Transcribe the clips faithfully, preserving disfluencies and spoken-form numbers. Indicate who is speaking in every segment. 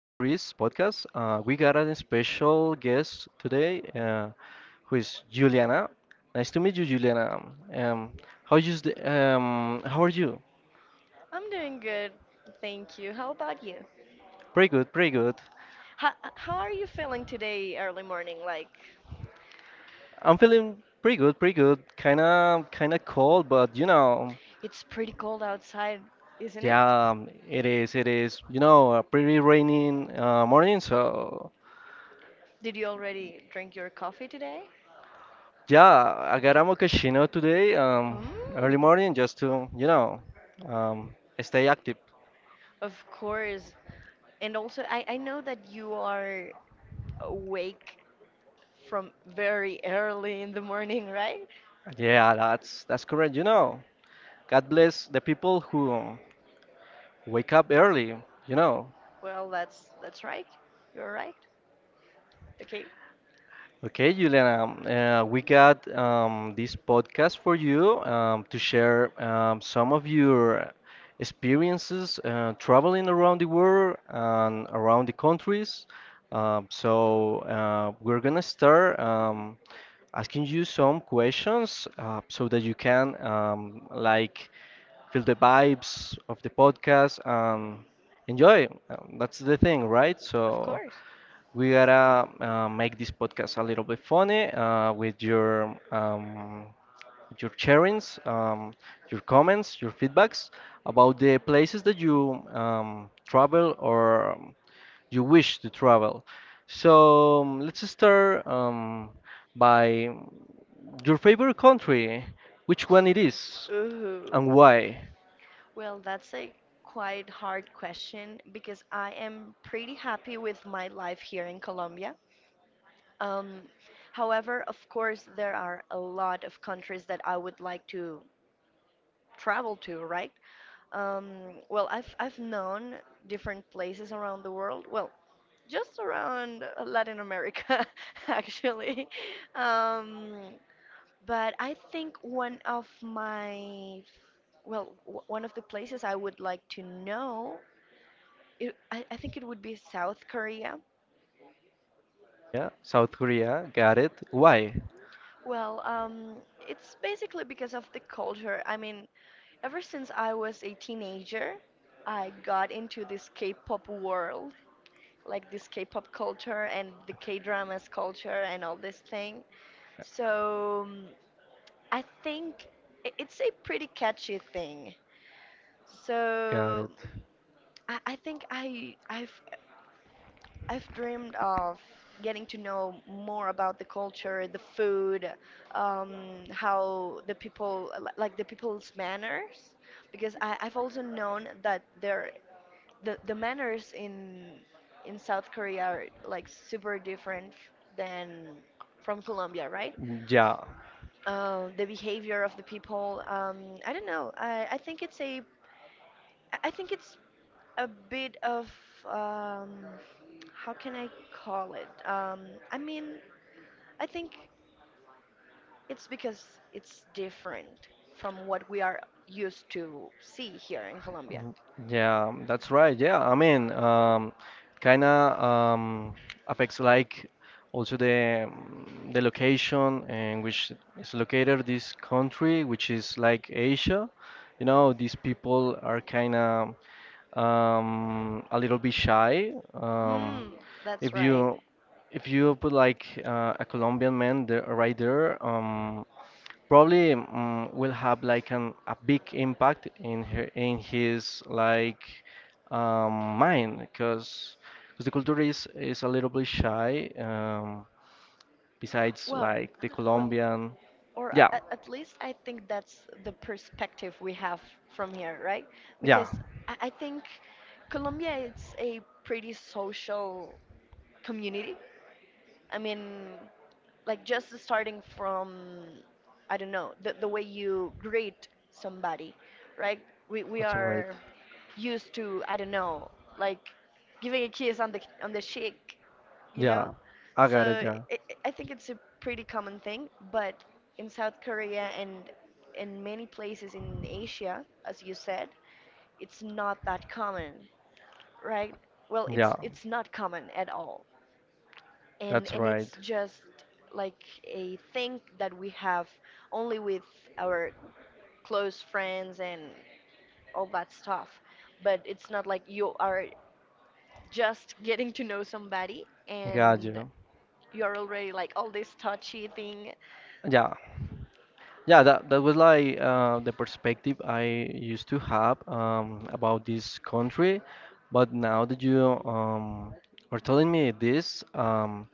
Speaker 1: podcast. Uh, we got a special guest today, uh, who is Juliana. Nice to meet you, Juliana. Um, how you, s- um, how are you?
Speaker 2: I'm doing good, thank you. How about you?
Speaker 1: Pretty good, pretty good.
Speaker 2: How, how are you feeling today, early morning? Like,
Speaker 1: I'm feeling pretty good, pretty good. Kinda, kinda cold, but you know,
Speaker 2: it's pretty cold outside, isn't it?
Speaker 1: Yeah, um, it is, it is. You know, a pretty rainy uh, morning, so.
Speaker 2: Did you already drink your coffee today?
Speaker 1: Yeah, I got a mochaccino today, um, early
Speaker 2: Mm.
Speaker 1: morning, just to, you know, um, stay active.
Speaker 2: Of course. And also, I, I know that you are awake from very early in the morning, right?
Speaker 1: Yeah, that's that's correct. You know, God bless the people who wake up early. You know,
Speaker 2: Well, that's that's right. You're right. Okay.
Speaker 1: Okay, Juliana, uh, we got um, this podcast for you um, to share um, some of your experiences uh, traveling around the world and around the countries. Um, so uh, we're gonna start um, asking you some questions uh, so that you can um, like feel the vibes of the podcast and enjoy. Um, that's the thing, right?
Speaker 2: Of
Speaker 1: So
Speaker 2: course.
Speaker 1: we gotta uh, make this podcast a little bit funny uh, with your um, your sharings, um, your comments, your feedbacks about the places that you um, travel or um, you wish to travel. So um, let's start um, by your favorite country, which one it is
Speaker 2: Ooh.
Speaker 1: and why?
Speaker 2: Well, that's a quite hard question because I am pretty happy with my life here in Colombia. Um, However, of course, there are a lot of countries that I would like to travel to, right? Um, well, I've I've known different places around the world. Well, just around uh, Latin America, actually. Um, but I think one of my well, w- one of the places I would like to know It, I, I think it would be South Korea.
Speaker 1: Yeah, South Korea, got it. Why?
Speaker 2: Well, um, it's basically because of the culture. I mean, ever since I was a teenager, I got into this K-pop world, like this K-pop culture and the K-dramas culture and all this thing. So um, I think i- it's a pretty catchy thing.
Speaker 1: Got
Speaker 2: So
Speaker 1: it.
Speaker 2: I, I think I I've I've dreamed of getting to know more about the culture, the food, um, how the people, li- like the people's manners, because I, I've also known that there, the, the manners in in South Korea are like super different than from Colombia, right?
Speaker 1: Yeah.
Speaker 2: Uh, the behavior of the people, um, I don't know. I, I think it's a, I I think it's a bit of um, how can I call it? Um, I mean, I think it's because it's different from what we are used to see here in Colombia.
Speaker 1: Mm. Yeah, that's right. Yeah, I mean, um, kind of um, affects like also the um, the location in which is located this country, which is like Asia. You know, these people are kind of um, a little bit shy. Um,
Speaker 2: Hmm, that's
Speaker 1: if
Speaker 2: right.
Speaker 1: you if you put like uh, a Colombian man there, right there, um, probably um, will have like an, a big impact in her in his like um, mind because the culture is is a little bit shy um, besides
Speaker 2: Well,
Speaker 1: like the
Speaker 2: well,
Speaker 1: Colombian.
Speaker 2: or a-
Speaker 1: Yeah.
Speaker 2: a- at least I think that's the perspective we have from here, right?
Speaker 1: Yeah,
Speaker 2: Because I, I think Colombia it's a pretty social community. I mean, like just starting from I don't know the the way you greet somebody, right? We we
Speaker 1: that's right.
Speaker 2: are used to I don't know like giving a kiss on the on the cheek, you
Speaker 1: Yeah,
Speaker 2: know.
Speaker 1: I
Speaker 2: So
Speaker 1: got it. Yeah.
Speaker 2: i i- I think it's a pretty common thing, but in South Korea and in many places in Asia, as you said, it's not that common, right? Well, it's
Speaker 1: Yeah,
Speaker 2: it's not common at all and
Speaker 1: that's
Speaker 2: and it's
Speaker 1: right.
Speaker 2: just like a thing that we have only with our close friends and all that stuff but it's not like you are just getting to know somebody
Speaker 1: Got
Speaker 2: and
Speaker 1: you.
Speaker 2: you're already like all this touchy thing.
Speaker 1: Yeah. Yeah, that that was like uh, the perspective I used to have um, about this country, but now that you um, are telling me this, um,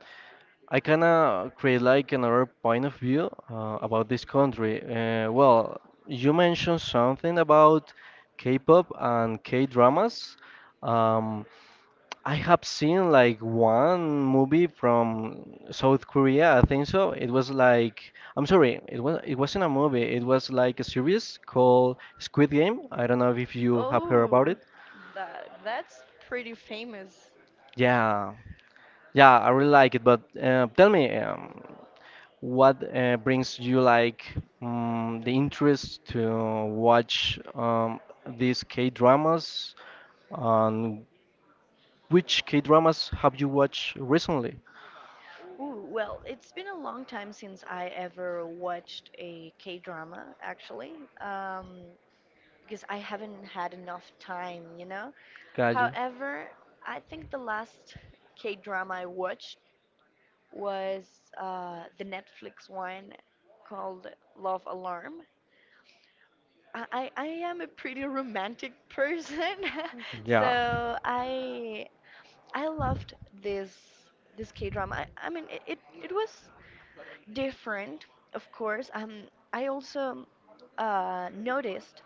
Speaker 1: I kind of create like another point of view uh, about this country. Uh, well, you mentioned something about K-pop and K-dramas. Um, I have seen like one movie from South Korea, I think so. It was like I'm sorry, it was it wasn't a movie. It was like a series called Squid Game. I don't know if you have heard about
Speaker 2: Oh,
Speaker 1: it.
Speaker 2: that that's pretty famous.
Speaker 1: Yeah. Yeah, I really like it, but uh, tell me um, what uh, brings you like um, the interest to watch um, these K-dramas and which K-dramas have you watched recently?
Speaker 2: Ooh, well, it's been a long time since I ever watched a K-drama, actually, um, because I haven't had enough time, you know?
Speaker 1: Got you.
Speaker 2: However, I think the last K drama I watched was uh, the Netflix one called Love Alarm. I, I I am a pretty romantic person,
Speaker 1: Yeah.
Speaker 2: so I I loved this this K drama. I, I mean, it, it it was different, of course. Um, I also uh, noticed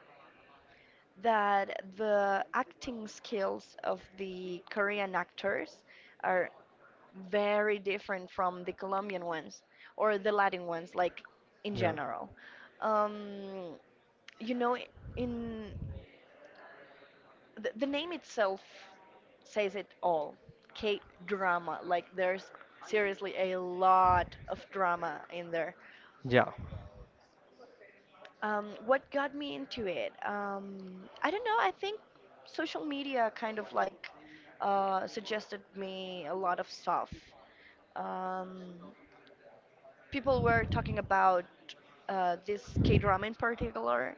Speaker 2: that the acting skills of the Korean actors are very different from the Colombian ones or the Latin ones, like in
Speaker 1: Yeah.
Speaker 2: general. Um, you know, in the, the name itself says it all. K drama, like there's seriously a lot of drama in there.
Speaker 1: Yeah,
Speaker 2: Um, what got me into it? Um, I don't know. I think social media kind of like uh, suggested me a lot of stuff. Um, people were talking about uh, this K drama in particular.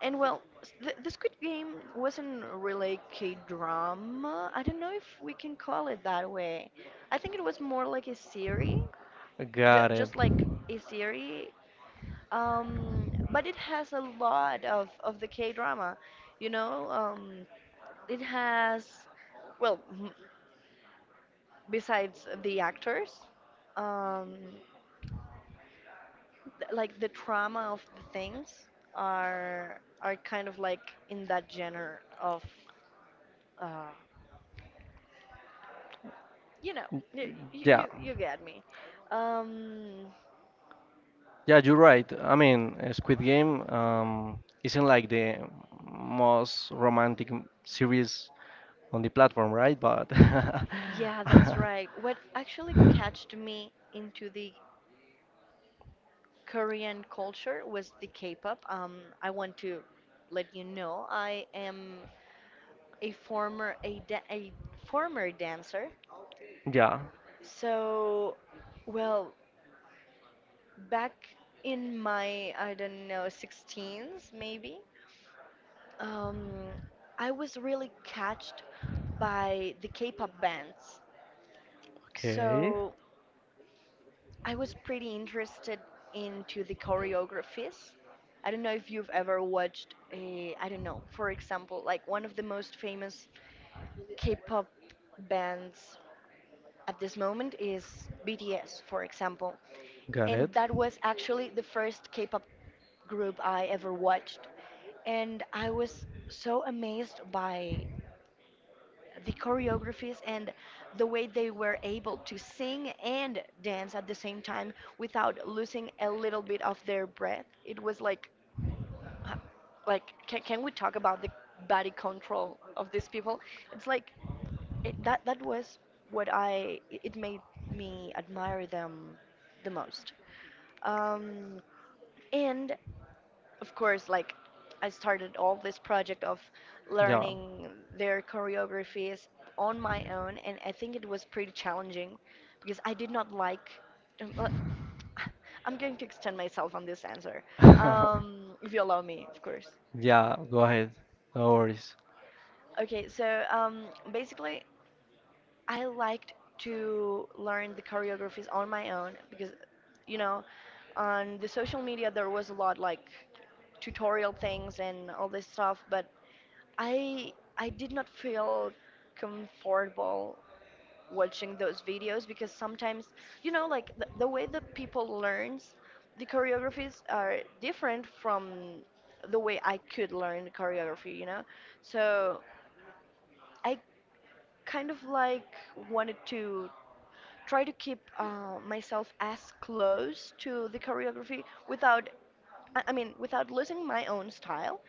Speaker 2: And well, s- th- the Squid Game wasn't really K drama. I don't know if we can call it that way. I think it was more like a series, ju-
Speaker 1: got it.
Speaker 2: just like a series. Um, but it has a lot of, of the K drama. You know, um, it has, well, m- besides the actors, um, th- like the trauma of the things are are kind of like in that genre of uh you know you
Speaker 1: Yeah,
Speaker 2: you, you get me. um
Speaker 1: yeah, you're right. I mean, uh, Squid Game um, isn't like the most romantic m- series on the platform, right? But
Speaker 2: yeah, that's right. What actually catched me into the Korean culture was the K-pop. um I want to let you know I am a former a, da- a former dancer,
Speaker 1: yeah,
Speaker 2: so well, back in my, I don't know, sixteens maybe, um, I was really catched by the K-pop bands,
Speaker 1: okay,
Speaker 2: so I was pretty interested into the choreographies. I don't know if you've ever watched a, I don't know, for example, like one of the most famous K-pop bands at this moment is B T S, for example.
Speaker 1: got
Speaker 2: And
Speaker 1: it.
Speaker 2: that was actually the first K-pop group I ever watched. And I was so amazed by the choreographies and the way they were able to sing and dance at the same time without losing a little bit of their breath. It was like, uh, like can, can we talk about the body control of these people? It's like it, that that was what I it it made me admire them the most. Um, and of course, like I started all this project of
Speaker 1: Yeah,
Speaker 2: learning their choreographies on my own, and I think it was pretty challenging because I did not like. um, uh, I'm going to extend myself on this answer, um, if you allow me, of course.
Speaker 1: yeah, go ahead. No worries.
Speaker 2: Okay, so um, basically, I liked to learn the choreographies on my own because, you know, on the social media there was a lot like tutorial things and all this stuff, but I I did not feel comfortable watching those videos because sometimes, you know, like the, the way that people learns the choreographies are different from the way I could learn choreography, you know? So I kind of like wanted to try to keep uh, myself as close to the choreography without I I mean without losing my own style,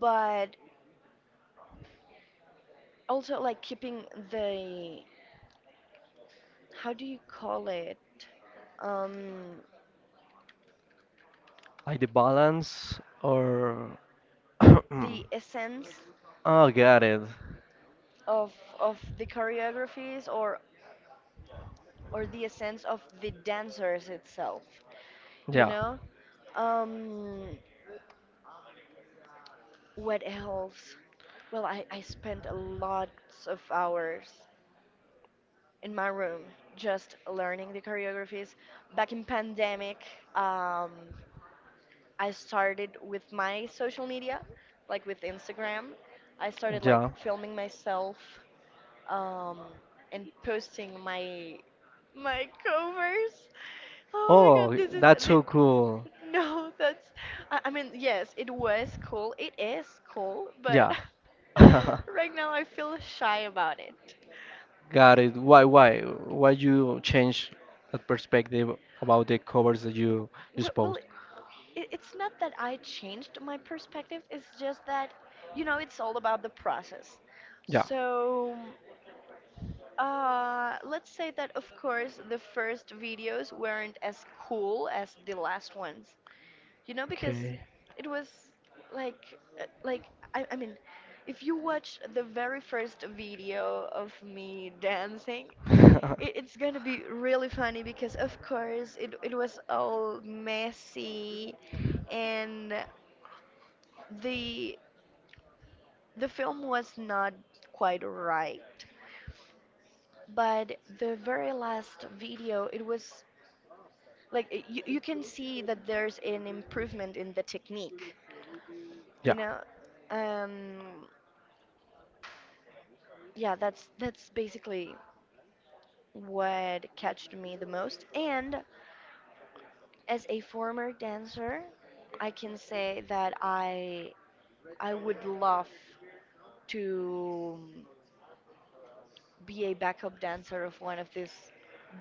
Speaker 2: but also like keeping the how do you call it um,
Speaker 1: Like the balance or oh,
Speaker 2: the essence
Speaker 1: got it.
Speaker 2: of of the choreographies or or the essence of the dancers itself, you
Speaker 1: Yeah,
Speaker 2: know? Um, what else? Well, I, I spent a lots of hours in my room just learning the choreographies back in pandemic. um, I started with my social media like with Instagram. I started like
Speaker 1: yeah.
Speaker 2: filming myself, um, and posting my my covers. Oh my god,
Speaker 1: Oh,
Speaker 2: this is
Speaker 1: that's
Speaker 2: thi-
Speaker 1: so cool.
Speaker 2: no that's I, I mean yes it was cool, it is cool but
Speaker 1: Yeah.
Speaker 2: right now I feel shy about it.
Speaker 1: Got it. Why, why, why you change that perspective about the covers that you
Speaker 2: W-
Speaker 1: just
Speaker 2: Well,
Speaker 1: post?
Speaker 2: it, it's not that I changed my perspective, it's just that, you know, it's all about the process.
Speaker 1: Yeah.
Speaker 2: So, uh, let's say that, of course, the first videos weren't as cool as the last ones, you know, because
Speaker 1: Okay.
Speaker 2: it was like, uh, like, I, I mean, if you watch the very first video of me dancing, it, it's gonna be really funny because, of course, it, it was all messy and the the film was not quite right. But the very last video it was like it- you, you can see that there's an improvement in the technique, you
Speaker 1: Yeah.
Speaker 2: know. um yeah, that's that's basically what catched me the most. And as a former dancer I can say that I I would love to be a backup dancer of one of these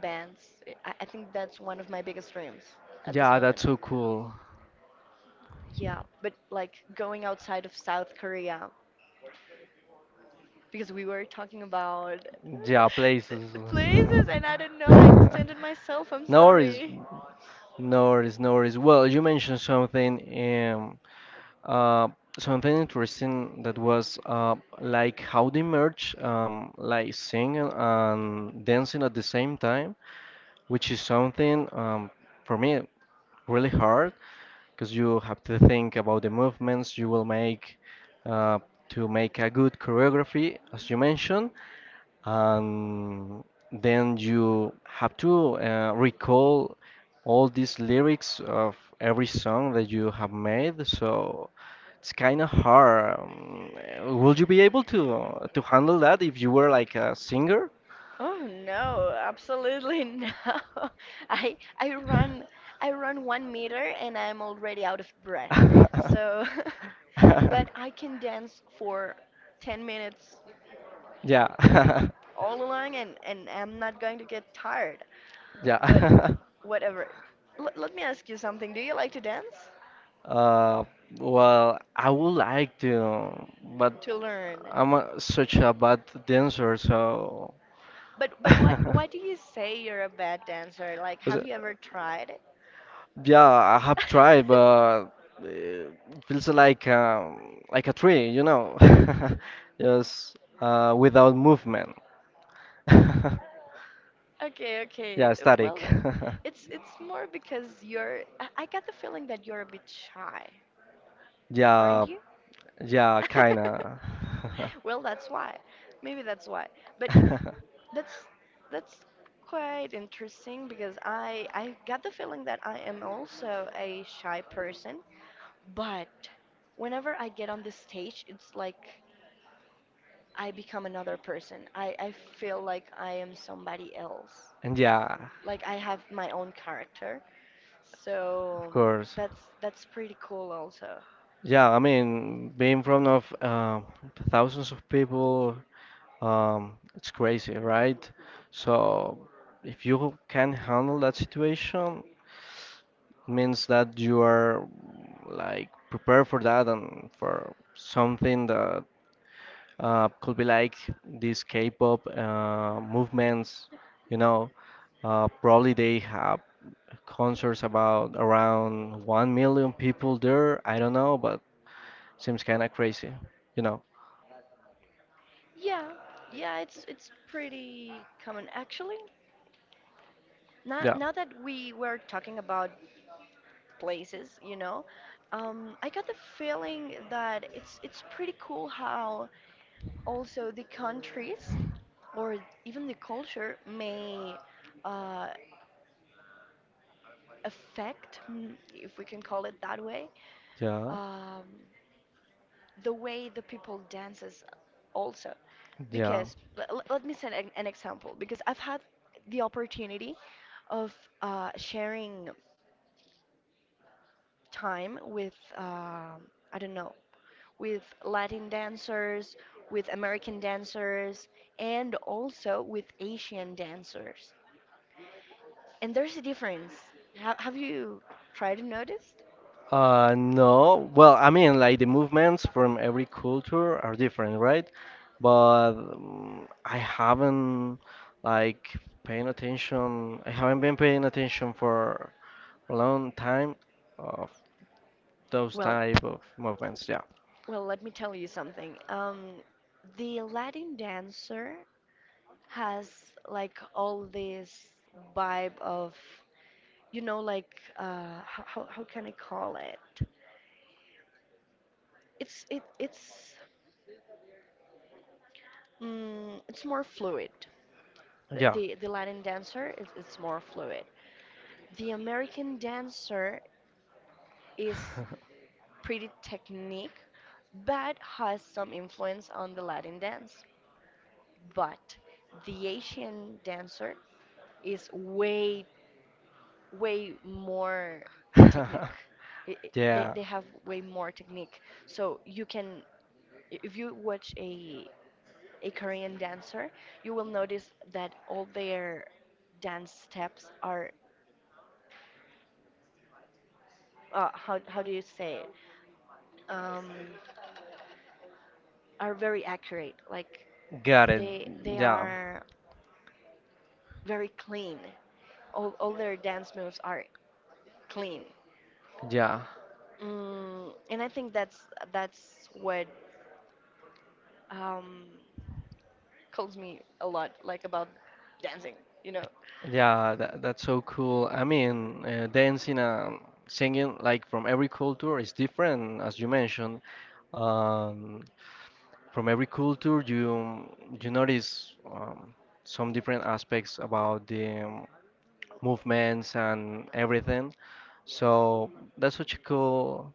Speaker 2: bands. I, I think that's one of my biggest dreams at this
Speaker 1: Yeah, that's
Speaker 2: moment.
Speaker 1: so cool.
Speaker 2: Yeah, but like going outside of South Korea because we were talking about
Speaker 1: Yeah,
Speaker 2: the
Speaker 1: places.
Speaker 2: the places and I don't know, I extended myself, I'm
Speaker 1: No worries.
Speaker 2: sorry.
Speaker 1: No worries. No worries. Well, you mentioned something, um, uh, something interesting that was uh, like how they merge, um, like singing and dancing at the same time, which is something um, for me. Really hard because you have to think about the movements you will make uh, to make a good choreography, as you mentioned, and then you have to uh, recall all these lyrics of every song that you have made. So it's kind of hard. Um, uh, would you be able to to handle that if you were like a singer?
Speaker 2: Oh no, absolutely no. I I run I run one meter and I'm already out of breath. So but I can dance for ten minutes
Speaker 1: Yeah.
Speaker 2: all along and, and I'm not going to get tired. But
Speaker 1: Yeah.
Speaker 2: whatever. L- let me ask you something. Do you like to dance?
Speaker 1: Uh, well, I would like to, but
Speaker 2: To learn.
Speaker 1: I'm a, such a bad dancer, so
Speaker 2: But but what,
Speaker 1: 'Cause,
Speaker 2: why do you say you're a bad dancer? Like have you ever tried it?
Speaker 1: yeah, I have tried, but it feels like um, like a tree, you know, just uh, without movement.
Speaker 2: Okay, okay.
Speaker 1: Yeah,
Speaker 2: Uh, well,
Speaker 1: static.
Speaker 2: that, it's it's more because you're I, I got the feeling that you're a bit shy,
Speaker 1: Yeah,
Speaker 2: aren't you?
Speaker 1: yeah, kinda.
Speaker 2: Well, that's why. Maybe that's why. But That's that's quite interesting because I I got the feeling that I am also a shy person, but whenever I get on the stage, it's like I become another person. I I feel like I am somebody else.
Speaker 1: And yeah,
Speaker 2: Like I have my own character.
Speaker 1: of
Speaker 2: So
Speaker 1: course.
Speaker 2: that's that's pretty cool also.
Speaker 1: Yeah, I mean, being in front of uh, thousands of people Um, it's crazy, right? So if you can handle that situation, it means that you are like prepared for that and for something that uh, could be like these K-pop uh, movements. You know, uh, probably they have concerts about around one million people there. I don't know, but seems kind of crazy. You know?
Speaker 2: Yeah. Yeah, it's it's pretty common actually. Now
Speaker 1: Yeah,
Speaker 2: now that we were talking about places, you know. Um, I got the feeling that it's it's pretty cool how also the countries or even the culture may uh, affect, mm, if we can call it that way,
Speaker 1: yeah,
Speaker 2: um, the way the people dances also.
Speaker 1: yeah.
Speaker 2: Because l- l- let me set an, an example. Because I've had the opportunity of uh, sharing time with um I don't know with Latin dancers, with American dancers, and also with Asian dancers. And there's a difference. Ha- have you tried to notice?
Speaker 1: Uh, no. Well, I mean, like the movements from every culture are different, right? But um, I haven't like paying attention. I haven't been paying attention for a long time of those
Speaker 2: Well,
Speaker 1: type of movements. Yeah.
Speaker 2: well, let me tell you something. Um, the Latin dancer has like all this vibe of, you know, like uh, how, how how can I call it? It's it it's mm, it's more fluid. The
Speaker 1: Yeah.
Speaker 2: the, the Latin dancer is it's more fluid. The American dancer is pretty technique, but has some influence on the Latin dance. But the Asian dancer is way, way more technique. I- I- they,
Speaker 1: Yeah.
Speaker 2: they have way more technique. So you can, if you watch a a Korean dancer, you will notice that all their dance steps are, uh, how how do you say it? Um, are very accurate. Like
Speaker 1: Got it.
Speaker 2: they they
Speaker 1: Yeah.
Speaker 2: are very clean. All all their dance moves are clean.
Speaker 1: Yeah.
Speaker 2: Mm, and I think that's that's what um, calls me a lot, like about dancing, you know.
Speaker 1: Yeah. That, that's so cool. I mean, uh, dancing and singing like from every culture is different, as you mentioned. Um, from every culture you you notice um, some different aspects about the um, movements and everything, so that's such a cool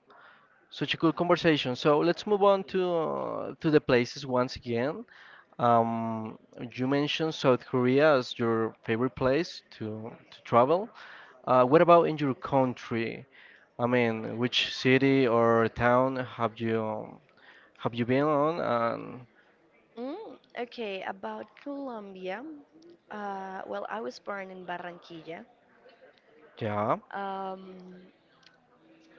Speaker 1: such a cool conversation. So let's move on to uh, to the places once again. um, you mentioned South Korea as your favorite place to to travel. Uh, what about in your country? I mean, which city or town have you um, have you been on and
Speaker 2: Mm, okay, about Colombia. Uh, well, I was born in Barranquilla,
Speaker 1: yeah.
Speaker 2: um,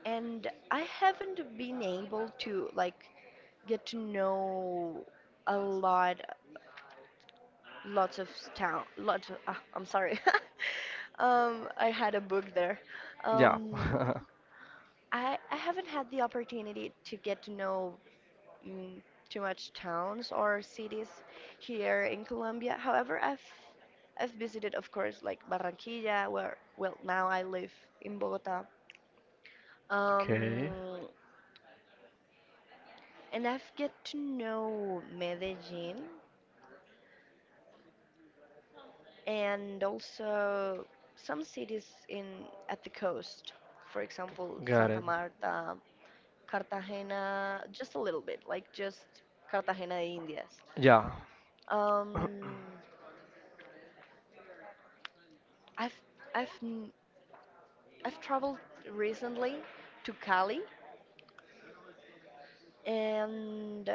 Speaker 2: and I haven't been able to like get to know a lot lots of town lots of, ah, I'm sorry. um I had a book there.
Speaker 1: Yeah.
Speaker 2: um i i haven't had the opportunity to get to know mm, too much towns or cities here in colombia. However, i've i've visited of course like barranquilla where, well, now I live in bogota.
Speaker 1: Okay,
Speaker 2: um and I've get to know medellin and also some cities in at the coast, for example,
Speaker 1: got
Speaker 2: Santa
Speaker 1: it.
Speaker 2: Marta, Cartagena, just a little bit, like just Cartagena de Indias.
Speaker 1: Yeah,
Speaker 2: Um, I've I've n- I've traveled recently to Cali, and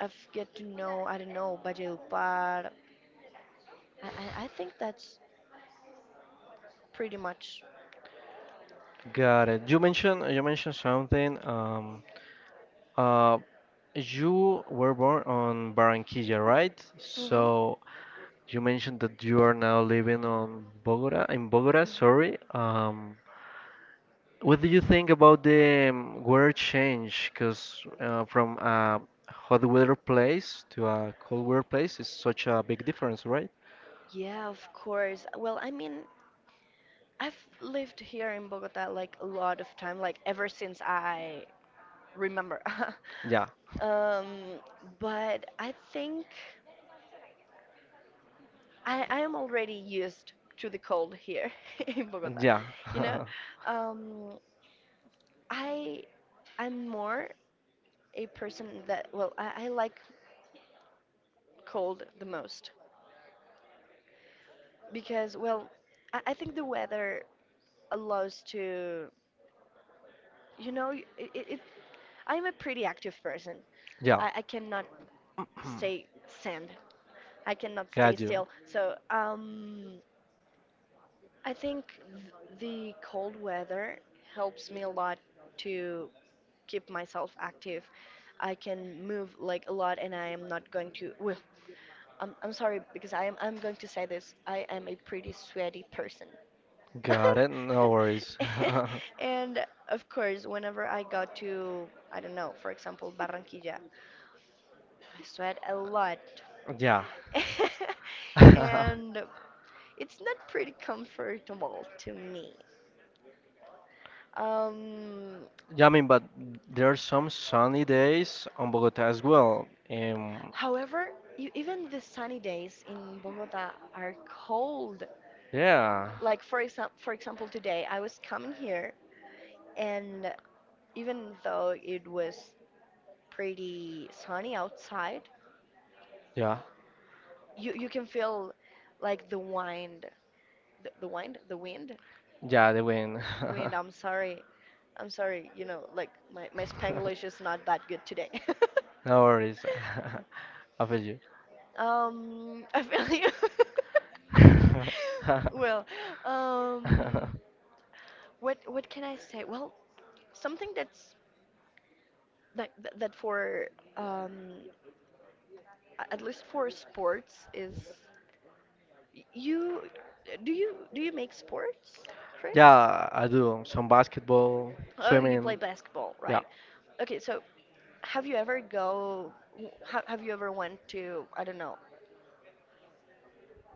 Speaker 2: I've get to know, I don't know, Valledupar. I I, I think that's pretty much.
Speaker 1: got it. You mentioned you mentioned something. Um, uh, you were born on Barranquilla, right?
Speaker 2: Hmm, hmm.
Speaker 1: So you mentioned that you are now living on Bogota, in Bogota, sorry. Um, what do you think about the um, weather change? Because uh, from a hot weather place to a cold weather place is such a big difference, right?
Speaker 2: Yeah, of course. Well, I mean, I've lived here in Bogota like a lot of time, like ever since I remember.
Speaker 1: Yeah,
Speaker 2: um, but I think I, I am already used to the cold here in Bogota.
Speaker 1: yeah,
Speaker 2: You know, um, I I'm more a person that, well, I, I like cold the most because, well, I, I think the weather allows to, you know, it, it, it I'm a pretty active person.
Speaker 1: yeah.
Speaker 2: I, I cannot stay stand. I cannot stay
Speaker 1: Got you.
Speaker 2: still. So, um, I think th- the cold weather helps me a lot to keep myself active. I can move like a lot, and I am not going to. Well, I'm, I'm sorry because I am I'm going to say this. I am a pretty sweaty person.
Speaker 1: Got it. No worries.
Speaker 2: And of course, whenever I got to, I don't know, for example, Barranquilla, I sweat a lot.
Speaker 1: Yeah.
Speaker 2: And it's not pretty comfortable to me. Um,
Speaker 1: Yeah, I mean, but there are some sunny days on Bogota as well. Um,
Speaker 2: However, you, even the sunny days in Bogota are cold.
Speaker 1: yeah,
Speaker 2: Like, for example, for example, today I was coming here, and even though it was pretty sunny outside,
Speaker 1: yeah,
Speaker 2: you you can feel like the wind, the, the wind, the wind,
Speaker 1: yeah, they win.
Speaker 2: wind. I'm sorry, I'm sorry. You know, like my my Spanglish is not that good today.
Speaker 1: No worries. I feel you.
Speaker 2: Um, I feel like well, um, what what can I say? Well, something that's that that that for um a- at least for sports is y- you, do you do you make sports, Chris?
Speaker 1: Yeah, I do some basketball,
Speaker 2: Oh, you play
Speaker 1: swimming.
Speaker 2: basketball,
Speaker 1: Yeah.
Speaker 2: right? Okay, so have you ever go? w- ha- Have you ever went to, I don't know,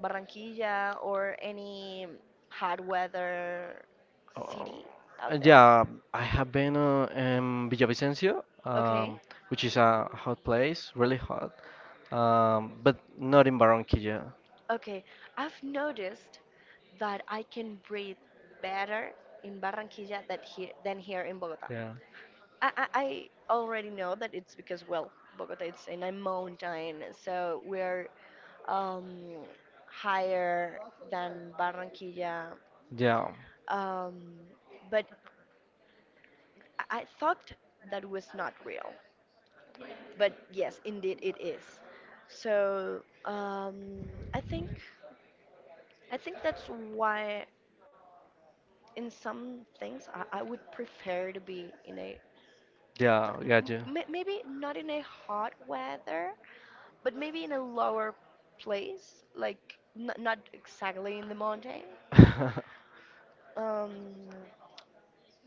Speaker 2: Barranquilla or any hot weather city
Speaker 1: Uh,
Speaker 2: out there?
Speaker 1: yeah. I have been uh, in Villavicencio,
Speaker 2: Okay,
Speaker 1: um, which is a hot place, really hot. Um, but not in Barranquilla.
Speaker 2: okay. I've noticed that I can breathe better in Barranquilla than here, than here in Bogota.
Speaker 1: Yeah,
Speaker 2: I, I, I already know that it's because, well, Bogota is in a mountain, so we're um, higher than Barranquilla.
Speaker 1: yeah,
Speaker 2: Um, but I I thought that was not real. But yes, indeed it is. So, um, I think I think that's why in some things I, I would prefer to be in a
Speaker 1: yeah, gotcha.
Speaker 2: m- m- maybe not in a hot weather, but maybe in a lower place, like n- not exactly in the mountain. Um,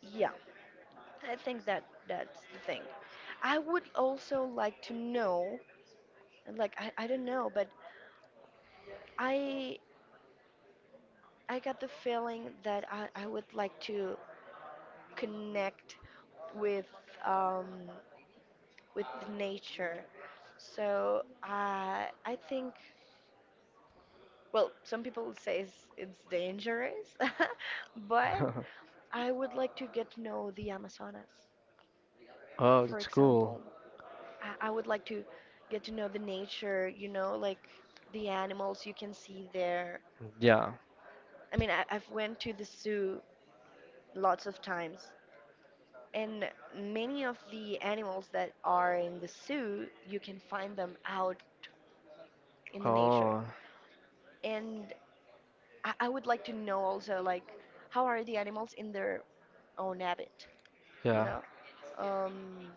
Speaker 2: yeah, I think that that's the thing. I would also like to know, like, I, I don't know, but I I got the feeling that I, I would like to connect with, um, with nature. So I I think, well, some people say it's, it's dangerous, but I would like to get to know the Amazonas,
Speaker 1: Oh,
Speaker 2: for
Speaker 1: that's cool.
Speaker 2: example. I, I would like to get to know the nature, you know, like the animals you can see there.
Speaker 1: Yeah.
Speaker 2: I mean, I, I've went to the zoo lots of times, and many of the animals that are in the zoo, you can find them out in the nature.
Speaker 1: Oh,
Speaker 2: And I, I would like to know also, like, how are the animals in their own habit, you
Speaker 1: yeah,
Speaker 2: know? Um,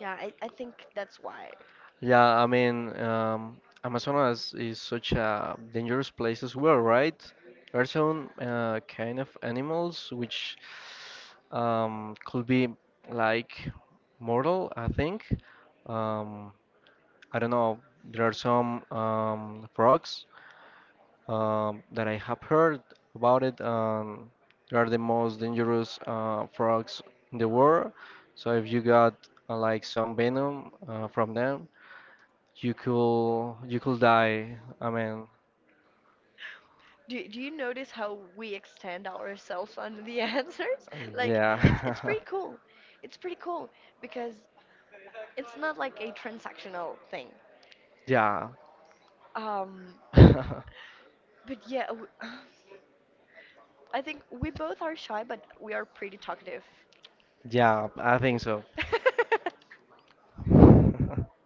Speaker 2: yeah, I, I think that's why.
Speaker 1: yeah. I mean, um, Amazonas is such a dangerous place as well, right? There are some uh, kind of animals which um, could be like mortal, I think. Um, I don't know. There are some um, frogs um, that I have heard about it. Um, they are the most dangerous uh, frogs in the world. So if you got uh, like some venom uh, from them, you could you could die. I mean,
Speaker 2: Do, do you notice how we extend ourselves on the answers? Like, it's it's
Speaker 1: yeah,
Speaker 2: pretty cool. It's pretty cool because it's not like a transactional thing.
Speaker 1: yeah,
Speaker 2: Um, but yeah, w- I think we both are shy, but we are pretty talkative.
Speaker 1: yeah. I think so.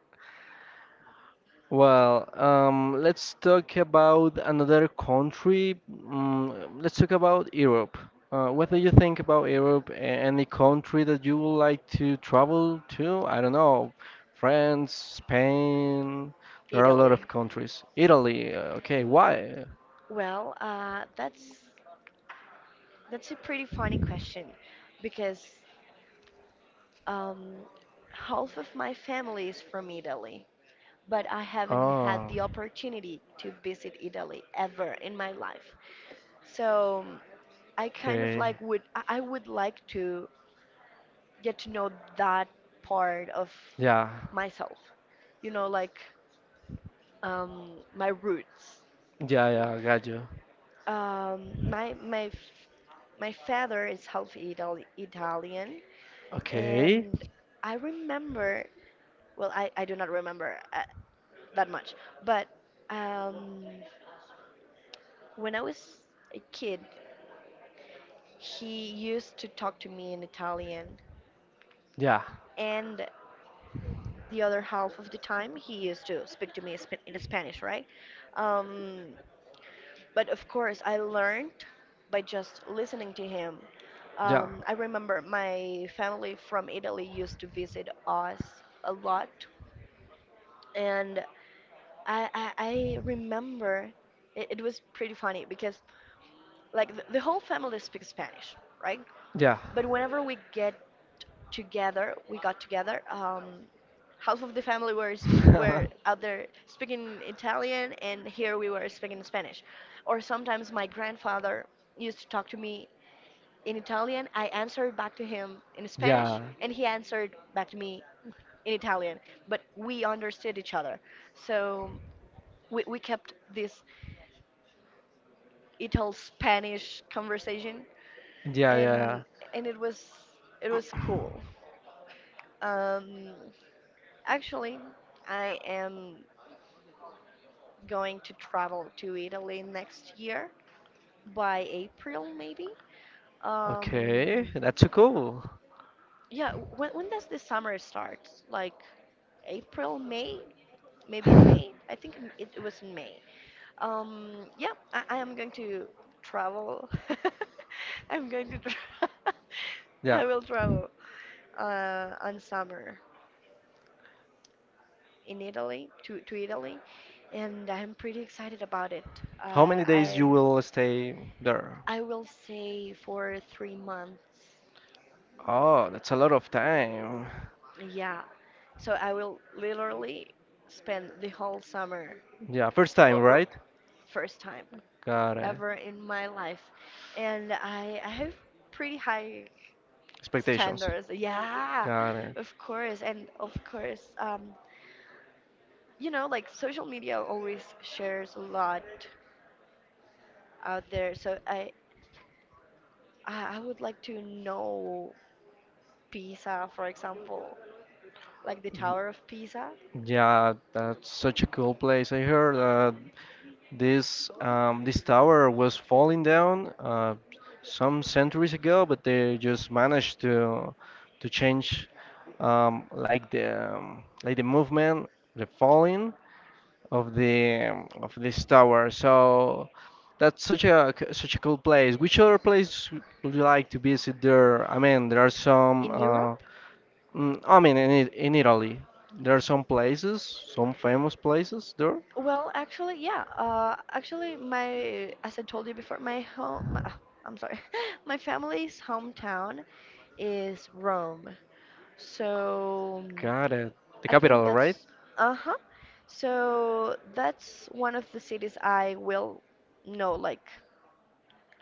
Speaker 1: Well, um, let's talk about another country. Mm, let's talk about Europe. Uh, what do you think about Europe? A- Any country that you would like to travel to? I don't know, France, Spain. There are a lot
Speaker 2: Italy.
Speaker 1: of countries. Italy. uh, Okay, why?
Speaker 2: Well, uh, that's that's a pretty funny question because um, half of my family is from Italy, but I haven't had
Speaker 1: Oh,
Speaker 2: the opportunity to visit Italy ever in my life. So, um, I kind of
Speaker 1: okay.
Speaker 2: like would I I would like to get to know that part of
Speaker 1: Yeah,
Speaker 2: myself, you know, like um, my roots.
Speaker 1: yeah, yeah. Got you.
Speaker 2: Um, my my f- my father is half Itali- Italian,
Speaker 1: Okay.
Speaker 2: and I remember. Well, I I do not remember uh, that much, but um, when I was a kid, he used to talk to me in Italian,
Speaker 1: Yeah,
Speaker 2: and the other half of the time he used to speak to me sp- in Spanish, right? Um, But of course, I learned by just listening to him. Um, I remember my family from Italy used to visit us a lot, and I I, I remember it, it was pretty funny because like the, the whole family speaks Spanish, right?
Speaker 1: yeah,
Speaker 2: But whenever we get together, we got together. Um, half of the family were s-
Speaker 1: yeah.
Speaker 2: were out there speaking Italian, and here we were speaking Spanish. Or sometimes my grandfather used to talk to me in Italian. I answered back to him in
Speaker 1: Yeah.
Speaker 2: Spanish, and he answered back to me in Italian. But we understood each other, so we we kept this Ital-Spanish conversation,
Speaker 1: Yeah, yeah, yeah.
Speaker 2: and and it was it was cool. Um, Actually, I am going to travel to Italy next year by April maybe.
Speaker 1: Okay,
Speaker 2: Um,
Speaker 1: that's so cool.
Speaker 2: yeah, when when does the summer start? Like April, May, maybe in May. I think m- it, it was in May. Um, yeah, I, I am going to travel. I'm going to. Tra-
Speaker 1: Yeah.
Speaker 2: I will travel uh, on summer. In Italy, to, to Italy, and I'm pretty excited about it. Uh,
Speaker 1: How many days you
Speaker 2: I
Speaker 1: will stay there?
Speaker 2: I will say for three months.
Speaker 1: Oh, that's a lot of time.
Speaker 2: Yeah, so I will literally spend the whole summer,
Speaker 1: Yeah, first time,
Speaker 2: or, or
Speaker 1: right?
Speaker 2: first time
Speaker 1: Got it.
Speaker 2: ever in my life, and I I have pretty high
Speaker 1: Expectations.
Speaker 2: standards. Yeah,
Speaker 1: Got it.
Speaker 2: of course, and of course, um, you know, like social media always shares a lot out there. So I I I would like to know Pisa, for example, like the Tower of Pisa
Speaker 1: Yeah, that's such a cool place. I heard that This um, this tower was falling down uh, some centuries ago, but they just managed to to change um, like the um, like the movement, the falling of the um, of this tower. So that's such a c- such a cool place. Which other place would you like to visit there? I mean, there are some.
Speaker 2: in
Speaker 1: Uh,
Speaker 2: Europe.
Speaker 1: mm, I mean, in it- in Italy, there are some places, some famous places there.
Speaker 2: Well, actually, yeah. Uh, actually, my as I told you before, my home. My, ah, I'm sorry, my family's hometown is Rome. So, mm,
Speaker 1: Got it. The
Speaker 2: I think
Speaker 1: capital.
Speaker 2: that's uh-huh. So that's one of the cities I will know. Like,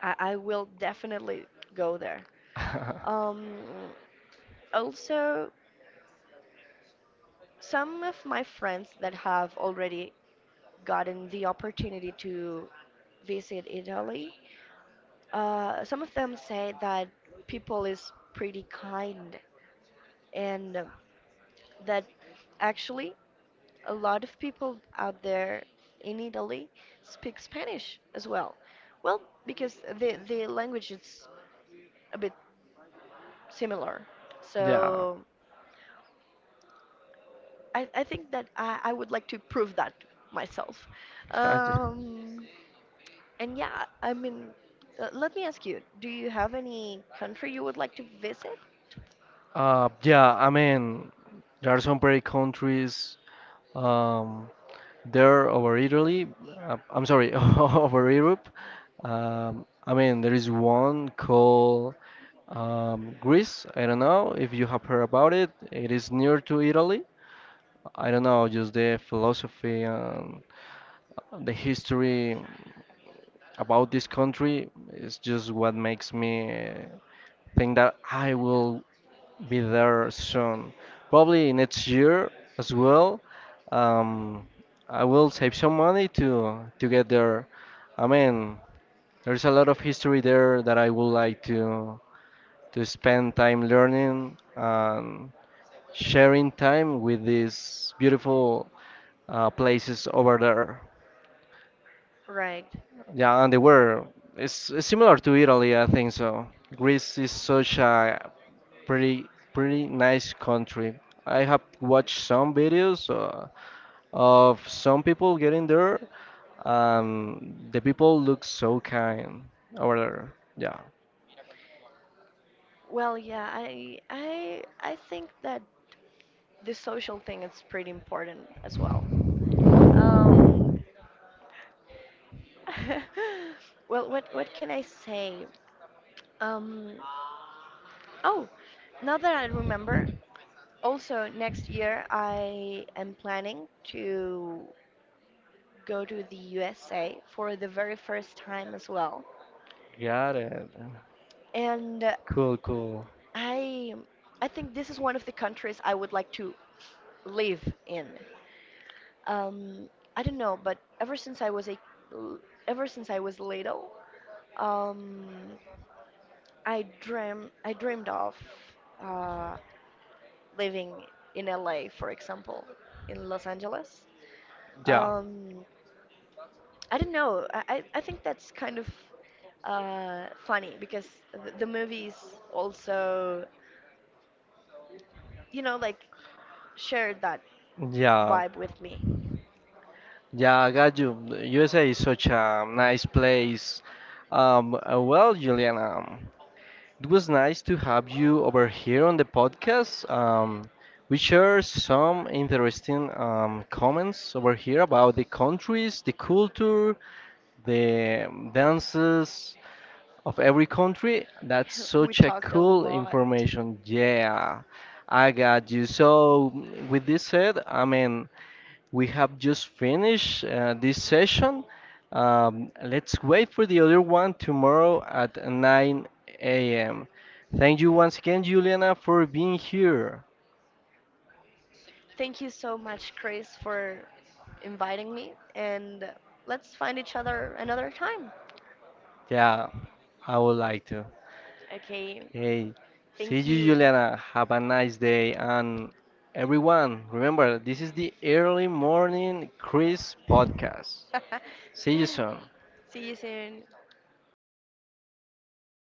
Speaker 2: I, I will definitely go there. Um, also, some of my friends that have already gotten the opportunity to visit Italy, uh, some of them say that people is pretty kind and, um, that actually a lot of people out there in Italy speak Spanish as well. Well, because the the language is a bit similar.
Speaker 1: Yeah,
Speaker 2: So, I, I think that I, I would like to prove that myself.
Speaker 1: I ju-
Speaker 2: Um, And yeah, I mean, uh, let me ask you, do you have any country you would like to visit?
Speaker 1: uh, yeah. I mean, there are some pretty countries um, there over Italy. Uh, I'm sorry, over Europe. Um, I mean, there is one called um, Greece. I don't know if you have heard about it. It is near to Italy. I don't know, just the philosophy and the history about this country is just what makes me think that I will be there soon. Probably next year as well. Um, I will save some money to to get there. I mean, there's a lot of history there that I would like to to spend time learning and sharing time with these beautiful uh, places over there.
Speaker 2: Right.
Speaker 1: Yeah, and they were. It's, it's similar to Italy, I think so. Greece is such a pretty pretty nice country. I have watched some videos uh, of some people getting there. Um, the people look so kind over there. Yeah,
Speaker 2: Well, yeah, I I I think that the social thing is pretty important as well. Um, well, what what can I say? Um, oh, now that I remember, also next year I am planning to go to the U S A for the very first time as well.
Speaker 1: got it.
Speaker 2: And uh,
Speaker 1: Cool, cool.
Speaker 2: I I think this is one of the countries I would like to live in. Um, I don't know, but ever since I was a ever since I was little, um, I dream I dreamed of uh, living in L A, for example, in Los Angeles.
Speaker 1: Yeah,
Speaker 2: Um, I don't know. I, I I think that's kind of uh, funny because th- the movies also, you know, like shared that
Speaker 1: yeah,
Speaker 2: vibe with me.
Speaker 1: yeah. I got you. The U S A is such a nice place. Um, uh, well, Juliana. It was nice to have you over here on the podcast. Um, we share some interesting um, comments over here about the countries, the culture, the um, dances of every country. That's
Speaker 2: We
Speaker 1: such a
Speaker 2: talked a
Speaker 1: cool
Speaker 2: lot.
Speaker 1: information. Yeah, I got you. So, with this said, I mean, we have just finished uh, this session. Um, let's wait for the other one tomorrow at nine a m. Thank you once again, Juliana, for being here.
Speaker 2: Thank you so much, Chris, for inviting me. And let's find each other another time.
Speaker 1: Yeah, I would like to.
Speaker 2: Okay.
Speaker 1: Hey, see
Speaker 2: Thank
Speaker 1: you,
Speaker 2: you.
Speaker 1: Juliana. Have a nice day. And everyone, remember, this is the Early Morning Chris podcast. See you soon.
Speaker 2: See you soon.